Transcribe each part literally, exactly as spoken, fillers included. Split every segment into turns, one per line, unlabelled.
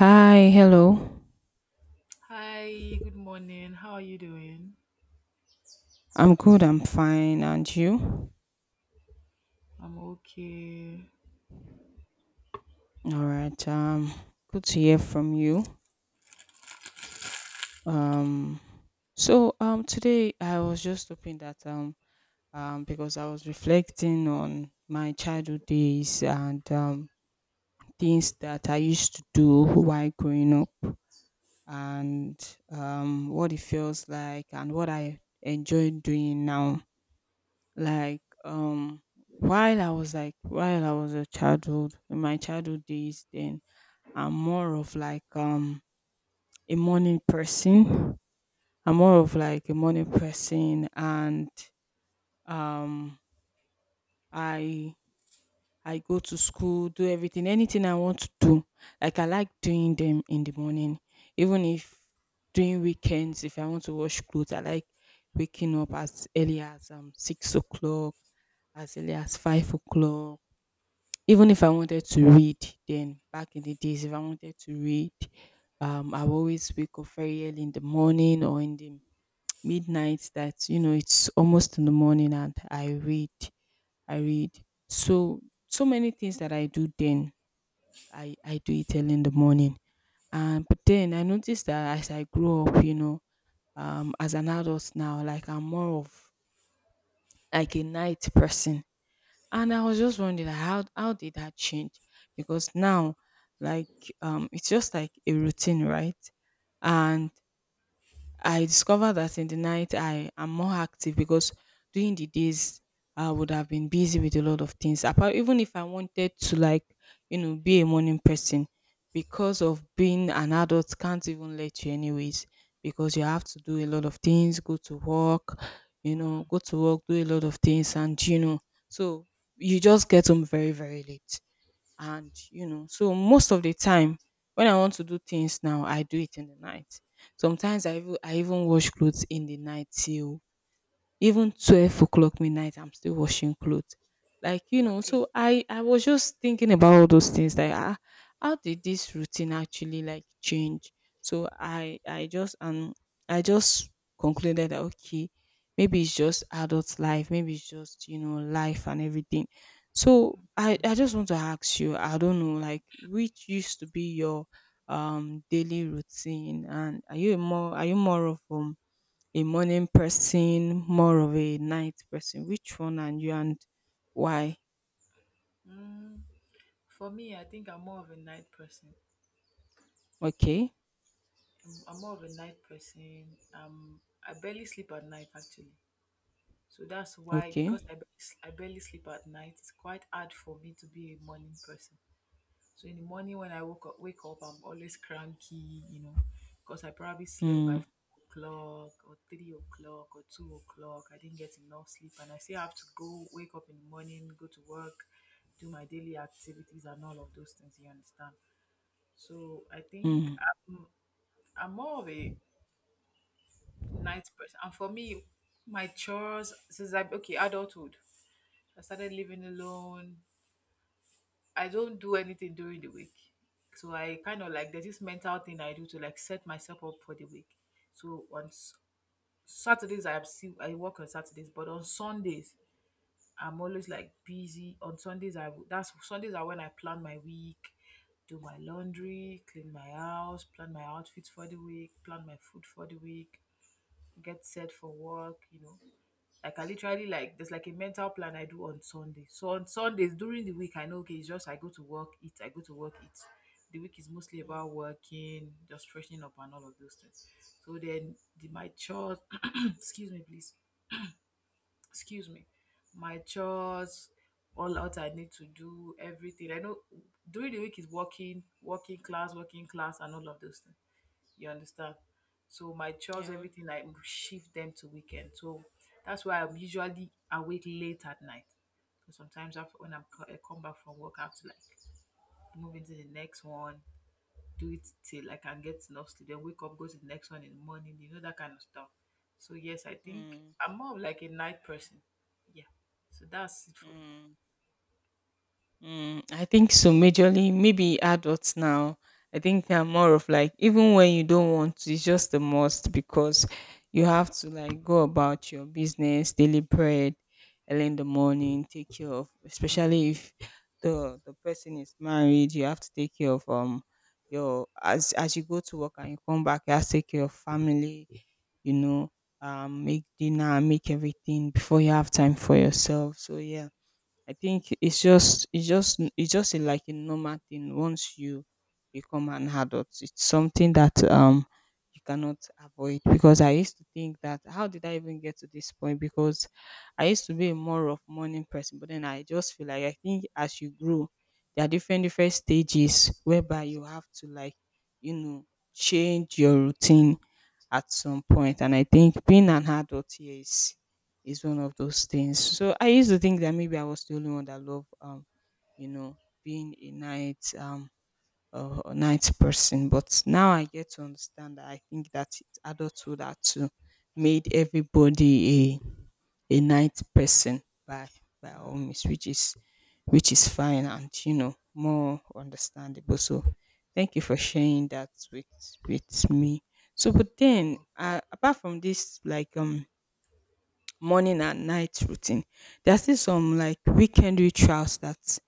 Hi, hello.
Hi, good morning. How are you doing?
I'm good, I'm fine, and you?
I'm okay.
All right. Um, good to hear from you. Um, so um today I was just hoping that um um because I was reflecting on my childhood days and um things that I used to do while growing up and um what it feels like and what I enjoy doing now. Like, um, while I was like, while I was a childhood, in my childhood days, then I'm more of like um a morning person. I'm more of like a morning person, and um, I I go to school, do everything, anything I want to do. Like I like doing them in the morning, even if during weekends, if I want to wash clothes, I like waking up as early as um six o'clock, as early as five o'clock. Even if I wanted to read, then back in the days, if I wanted to read, um, I will always wake up very early in the morning or in the midnight, that, you know, it's almost in the morning and I read, I read. So, so many things that I do then, I, I do it early in the morning. And but then I noticed that as I grew up, you know, um, as an adult now, like I'm more of like a night person. And I was just wondering, like, how how did that change? Because now, like, um, it's just like a routine, right? And I discovered that in the night I am more active because during the days I would have been busy with a lot of things. Apart even if I wanted to, like, you know, be a morning person, because of being an adult can't even let you anyways because you have to do a lot of things, go to work, you know,
Hmm.
go to work, do a lot of things, and you know, so you just get home very, very late, and you know so most of the time when I want to do things now I do it in the night. Sometimes i even I even wash clothes in the night till even twelve o'clock midnight. I'm still washing clothes, like you know.
Why?
So i i was just thinking about all those things, like ah, how did this routine actually, like, change. So i i just um i just concluded that okay, maybe it's just adult life, maybe it's just, you know, life and everything. So i i just want to ask you, I don't know, like which used to be your um daily routine, and are you a more are you more of um a morning person, more of a night person? Which one are you, and why?
Mm, for me, I think I'm more of a night person.
Okay,
I'm, I'm more of a night person. Um, I barely sleep at night actually. So that's why because
okay.
I barely, I barely sleep at night, it's quite hard for me to be a morning person. So in the morning when I woke up, wake up, I'm always cranky, you know, because I probably slept by
Mm,
four o'clock or three o'clock or two o'clock. I didn't get enough sleep, and I still have to go wake up in the morning, go to work, do my daily activities, and all of those things. You understand? So I think
mm.
I'm, I'm more of a night person, and for me, my chores since I okay adulthood, I started living alone. I don't do anything during the week. So I kind of like there's this mental thing I do to like set myself up for the week. So on S- Saturdays I have still I work on Saturdays, but on Sundays I'm always like busy. On Sundays I w- that's Sundays are when I plan my week, do my laundry, clean my house, plan my outfits for the week, plan my food for the week, get set for work, you know. Like, I can literally like there's like a mental plan I do on Sunday. So on Sundays during the week, I know okay, it's just I go to work, eat, I go to work, eat. The week is mostly
Mm,
about working, just freshening up and all of those things. So then the, my chores, excuse me, please, excuse me, my chores, all out I need to do, everything. I know during the week is working, working class, working class, and all of those things. You understand? So my chores,
yeah.
everything, I shift them to weekend. So that's why I'm usually awake late at night. So sometimes after, when I'm co- I come back from work, I have to like move into the next one, do it till I can get enough sleep, then wake up, go to the next one in the morning, you know, that kind of stuff. So yes, I think
Mm,
I'm more of like a night person. Yeah. So that's it for me.
mm. Mm, I think so, majorly, maybe adults now. I think they're more of like, even when you don't want to, it's just a must because you have to, like, go about your business, daily bread, early in the morning, take care of,
Mm.
especially if the the person is married, you have to take care of um your, as as you go to work and you come back, you have to take care of family, you know, um make dinner, make everything before you have time for yourself. So yeah, I think it's just it's just it's just a, like, a normal thing once you become an adult. It's something that um you cannot avoid because I used to think that how did I even get to this point? Because I used to be a more of morning person, but then I just feel like I think as you grow, there are different different stages whereby you have to, like, you know, change your routine at some point, and I think being an adult here is is one of those things. So I used to think that maybe I was the only one that loved, um, you know, being a night um a, a night person. But now I get to understand that I think that it- adulthood that to made everybody a night person by by all means, which is which is fine, and you know, more understandable. So thank you for sharing that with with me. So, but then uh, apart from this, like, um morning and night routine, there's still some like weekend rituals that,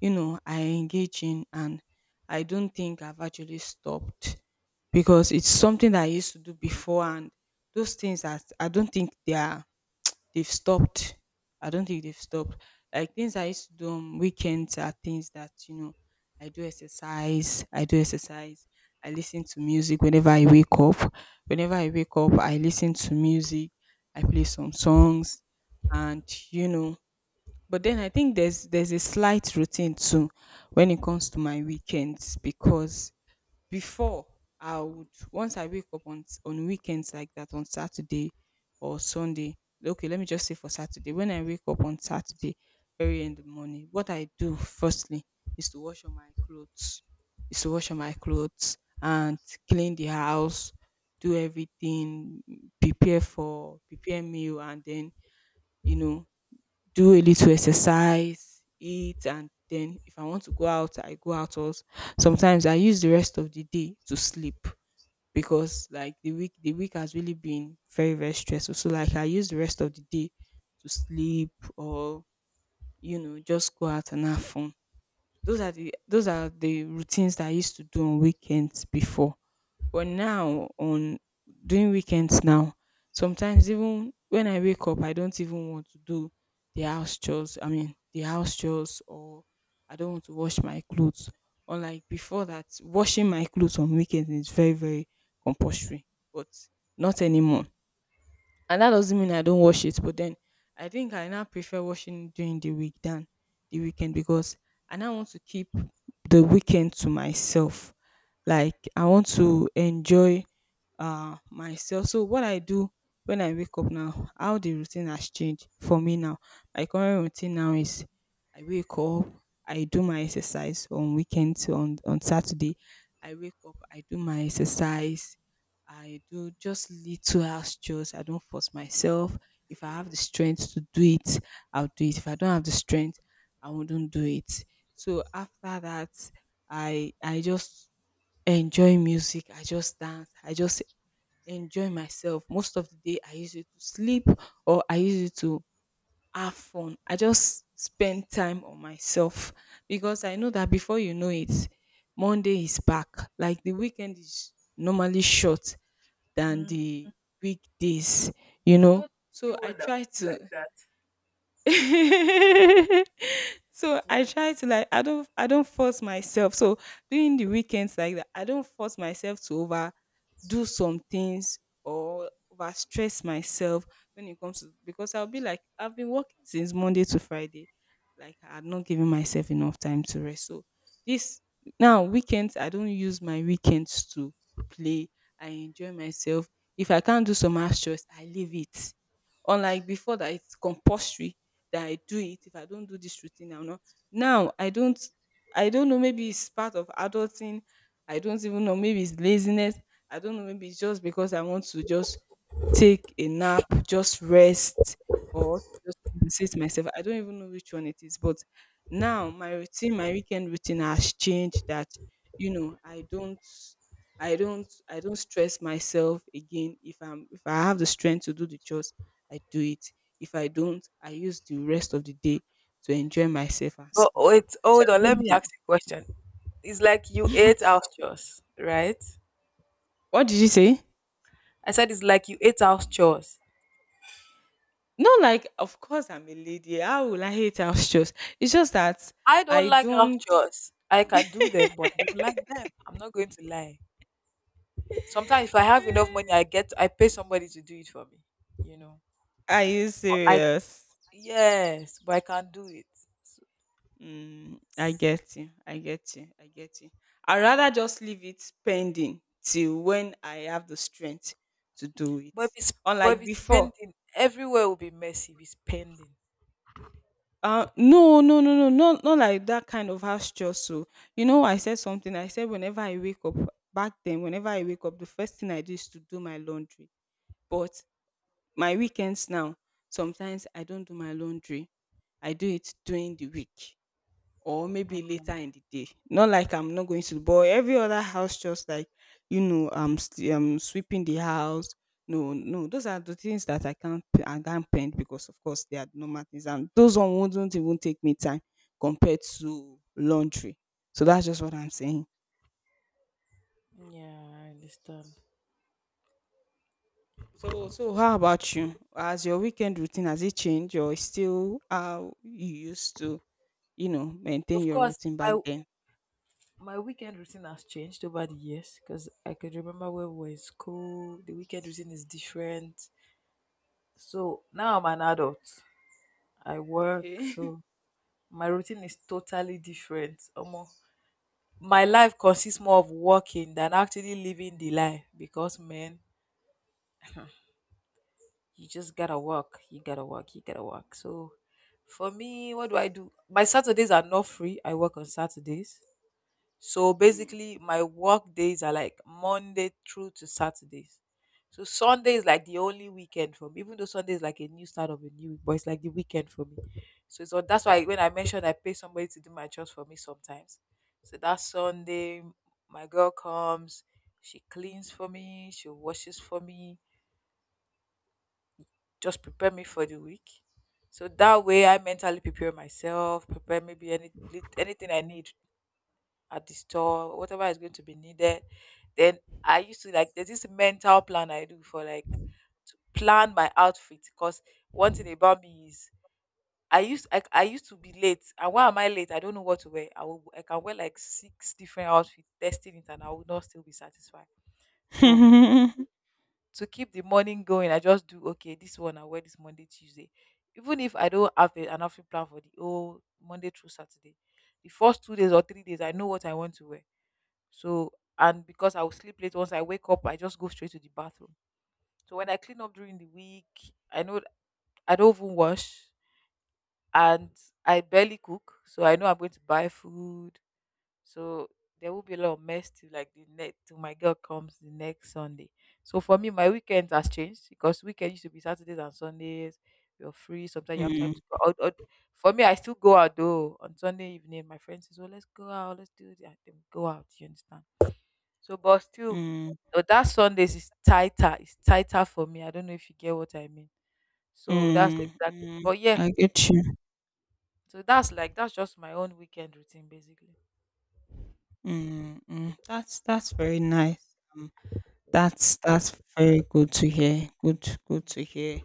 you know, I engage in, and I don't think I've actually stopped because it's something that I used to do before, and those things that I don't think they are they've stopped. I don't think they've stopped. Like things I used to do on weekends are things that, you know, I do exercise, I do exercise, I listen to music whenever I wake up. Whenever I wake up, I listen to music, I play some songs, and you know, but then I think there's there's a slight routine too when it comes to my weekends because before I would once I wake up on s- on weekends like that, on Saturday or Sunday. Okay, let me just say for Saturday. When I wake up on Saturday, very in the morning, what I do firstly is to wash all my clothes. Is to wash all my clothes and clean the house, do everything, prepare for prepare meal, and then, you know, do a little exercise, eat, and then if I want to go out, I go out also. Sometimes I use the rest of the day to sleep because, like, the week the week has really been very, very stressful. So like I use the rest of the day to sleep, or you know, just go out and have fun. Those are the those are the routines that I used to do on weekends before. But now on during weekends now, sometimes even when I wake up, I don't even want to do the house chores. I mean the house chores, or I don't want to wash my clothes. Unlike before that, washing my clothes on weekends is very, very compulsory. But not anymore. And that doesn't mean I don't wash it, but then I think I now prefer washing during the week than the weekend because I now want to keep the weekend to myself. Like I want to enjoy uh, myself. So what I do when I wake up now, how the routine has changed for me now. My current routine now is I wake up, I do my exercise on weekends, on on Saturday. I wake up, I do my exercise. I do just little house chores. I don't force myself. If I have the strength to do it, I'll do it. If I don't have the strength, I wouldn't do it. So after that, I I just enjoy music. I just dance. I just enjoy myself. Most of the day I use it to sleep, or I use it to have fun. I just spend time on myself because I know that before you know it, Monday is back. Like the weekend is normally short than
Mm.
the weekdays, you
I
know.
thought
So
you were
I
the
try
like
to
that.
So I
Well,
try to, like, I don't I don't force myself. So during the weekends like that, I don't force myself to over do some things or over stress myself when it comes to, because I'll be like I've been working since Monday to Friday. Like I'm not giving myself enough time to rest. So this now weekends I don't use my weekends to play. I enjoy myself. If I can't do some house chores, I leave it, unlike before that it's compulsory that I do it. If I don't do this routine, I'm not. Now I don't. I don't know. Maybe it's part of adulting. I don't even know. Maybe it's laziness. I don't know. Maybe it's just because I want to just take a nap, just rest, or compensate myself. I don't even know which one it is. But now my routine, my weekend routine has changed that, you know, I don't I don't I don't stress myself again. If I'm if I have the strength to do the chores, I do it. If I don't, I use the rest of the day to enjoy myself and
but
sleep.
wait,
So
hold
I
on. Let me
don't
ask you a question. It's like you
know.
ate house chores, right?
What did you say?
I said it's like you ate house chores.
No, like, of course I'm a lady. How will I hate house chores? It's just that
I
I
don't like house
don't.
chores. I can do them, but I don't like them. I'm not going to lie. Sometimes if I have enough
Eh,
money, I get I pay somebody to do it for me. You know,
are you
but I
serious?
yes, but I can do it. So-
Mm, I get you. I get you. I get you. I'd rather just leave it pending till when I have the strength to do it.
But if it's but if
Unlike
it's
before.
pending, everywhere will be messy. If it's pending,
Uh, no, no, no, no, not, not like that kind of house chore. So, you know, I said something. I said, whenever I wake up, back then, whenever I wake up, the first thing I do is to do my laundry. But my weekends now, sometimes I don't do my laundry. I do it during the week, or maybe later in the day. Not like I'm not going to, but every other house, just like, you know, um, st- um, sweeping the house. No, no, those are the things that I can't, p- I can't paint because, of course, they are normal things, and those one wouldn't even take me time compared to laundry. So that's just what I'm saying.
yeah, I understand.
So, so how about you? Has your weekend routine, has it changed, or is still how you used to, you know, maintain
Of
your
course,
routine back
I
then?
my weekend routine has changed over the years because I could remember when we were in school, the weekend routine is different. So now I'm an adult. I work,
Okay.
so my routine is totally different. Almost my life consists more of working than actually living the life because man, you just gotta work, you gotta work, you gotta work. So for me, what do I do? My Saturdays are not free. I work on Saturdays. So basically, my work days are like Monday through to Saturdays. So Sunday is like the only weekend for me, even though Sunday is like a new start of a new week, but it's like the weekend for me. So, so that's why when I mentioned I pay somebody to do my chores for me sometimes. So that Sunday, my girl comes, she cleans for me, she washes for me, just prepare me for the week. So that way, I mentally prepare myself, prepare maybe any lit- anything I need at the store, whatever is going to be needed. Then I used to like there's this mental plan I do for like to plan my outfit because one thing about me is I used I, I used to be late and why am I late? I don't know what to wear. I will I can wear like six different outfits, testing it and I will not still be satisfied. So
Hmm.
to keep the morning going, I just do okay, this one I wear this Monday, Tuesday. Even if I don't have a- an outfit plan for the whole Monday through Saturday, the first two days or three days I know what I want to wear so, and because I will sleep late, once I wake up, I just go straight to the bathroom. So when I clean up during the week, I know I don't even wash and I barely cook. So I know I'm going to buy food. So there will be a lot of mess till like the next till my girl comes the next Sunday. So for me, my weekend has changed because weekend used to be Saturdays and Sundays. You're free. Sometimes you have
Mm,
time to go out. Out- For me, I still go out though on Sunday evening. My friends says, "Oh, let's go out. Let's do that." Then we go out. You understand? So, but still,
mm,
but that Sundays is tighter. It's tighter for me. I don't know if you get what I mean. So that's
mm,
exact.
mm.
But yeah,
I get you.
so that's like that's just my own weekend routine basically.
Mm, mm. That's that's very nice. Um, that's that's very good to hear. Good, good to hear.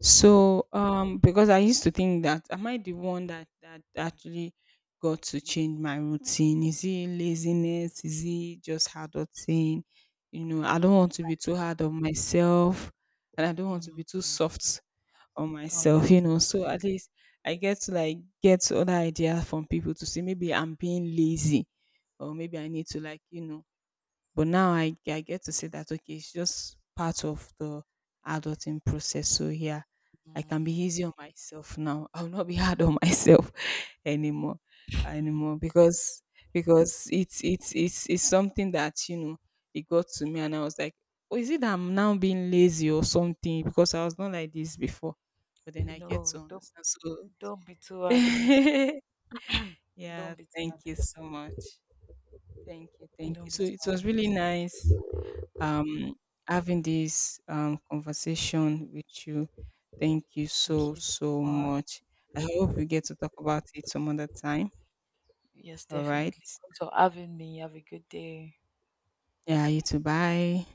So, um, because I used to think that, am I the one that that actually got to change my routine? Is it laziness? Is it just hard of thing? You know,
I
I
think
don't want to be too hard on myself, and I don't want to
mm
be too
mm,
soft on
on your
myself. You
s-
know, so at least I get to, like, get other ideas from people to see maybe I'm being lazy, or maybe I need to, like, you know, but now I I get to say that okay, it's just part of the adulting process. So yeah, I can be
mm,
easy on myself now. I'll not be hard on myself anymore anymore because because it's it's it's it's something that, you know, it got to me, and I was like, oh, is it that I'm now being lazy or something? Because I was not like this before. But then I get to
no, don't
understand. So
don't be too hard on yourself. Don't
yeah,
be too
thank
hard on
you so
yourself.
much. Thank you, thank you.
Don't be
So
too
it
hard
was
on
really
yourself.
nice, um, having this, um, conversation with you. Thank you
Thank
so,
you
so
so much.
much. I hope we get to talk about it some other time.
Yes,
All right.
definitely. Thanks for having me. Have a good day.
Yeah, you too. Bye.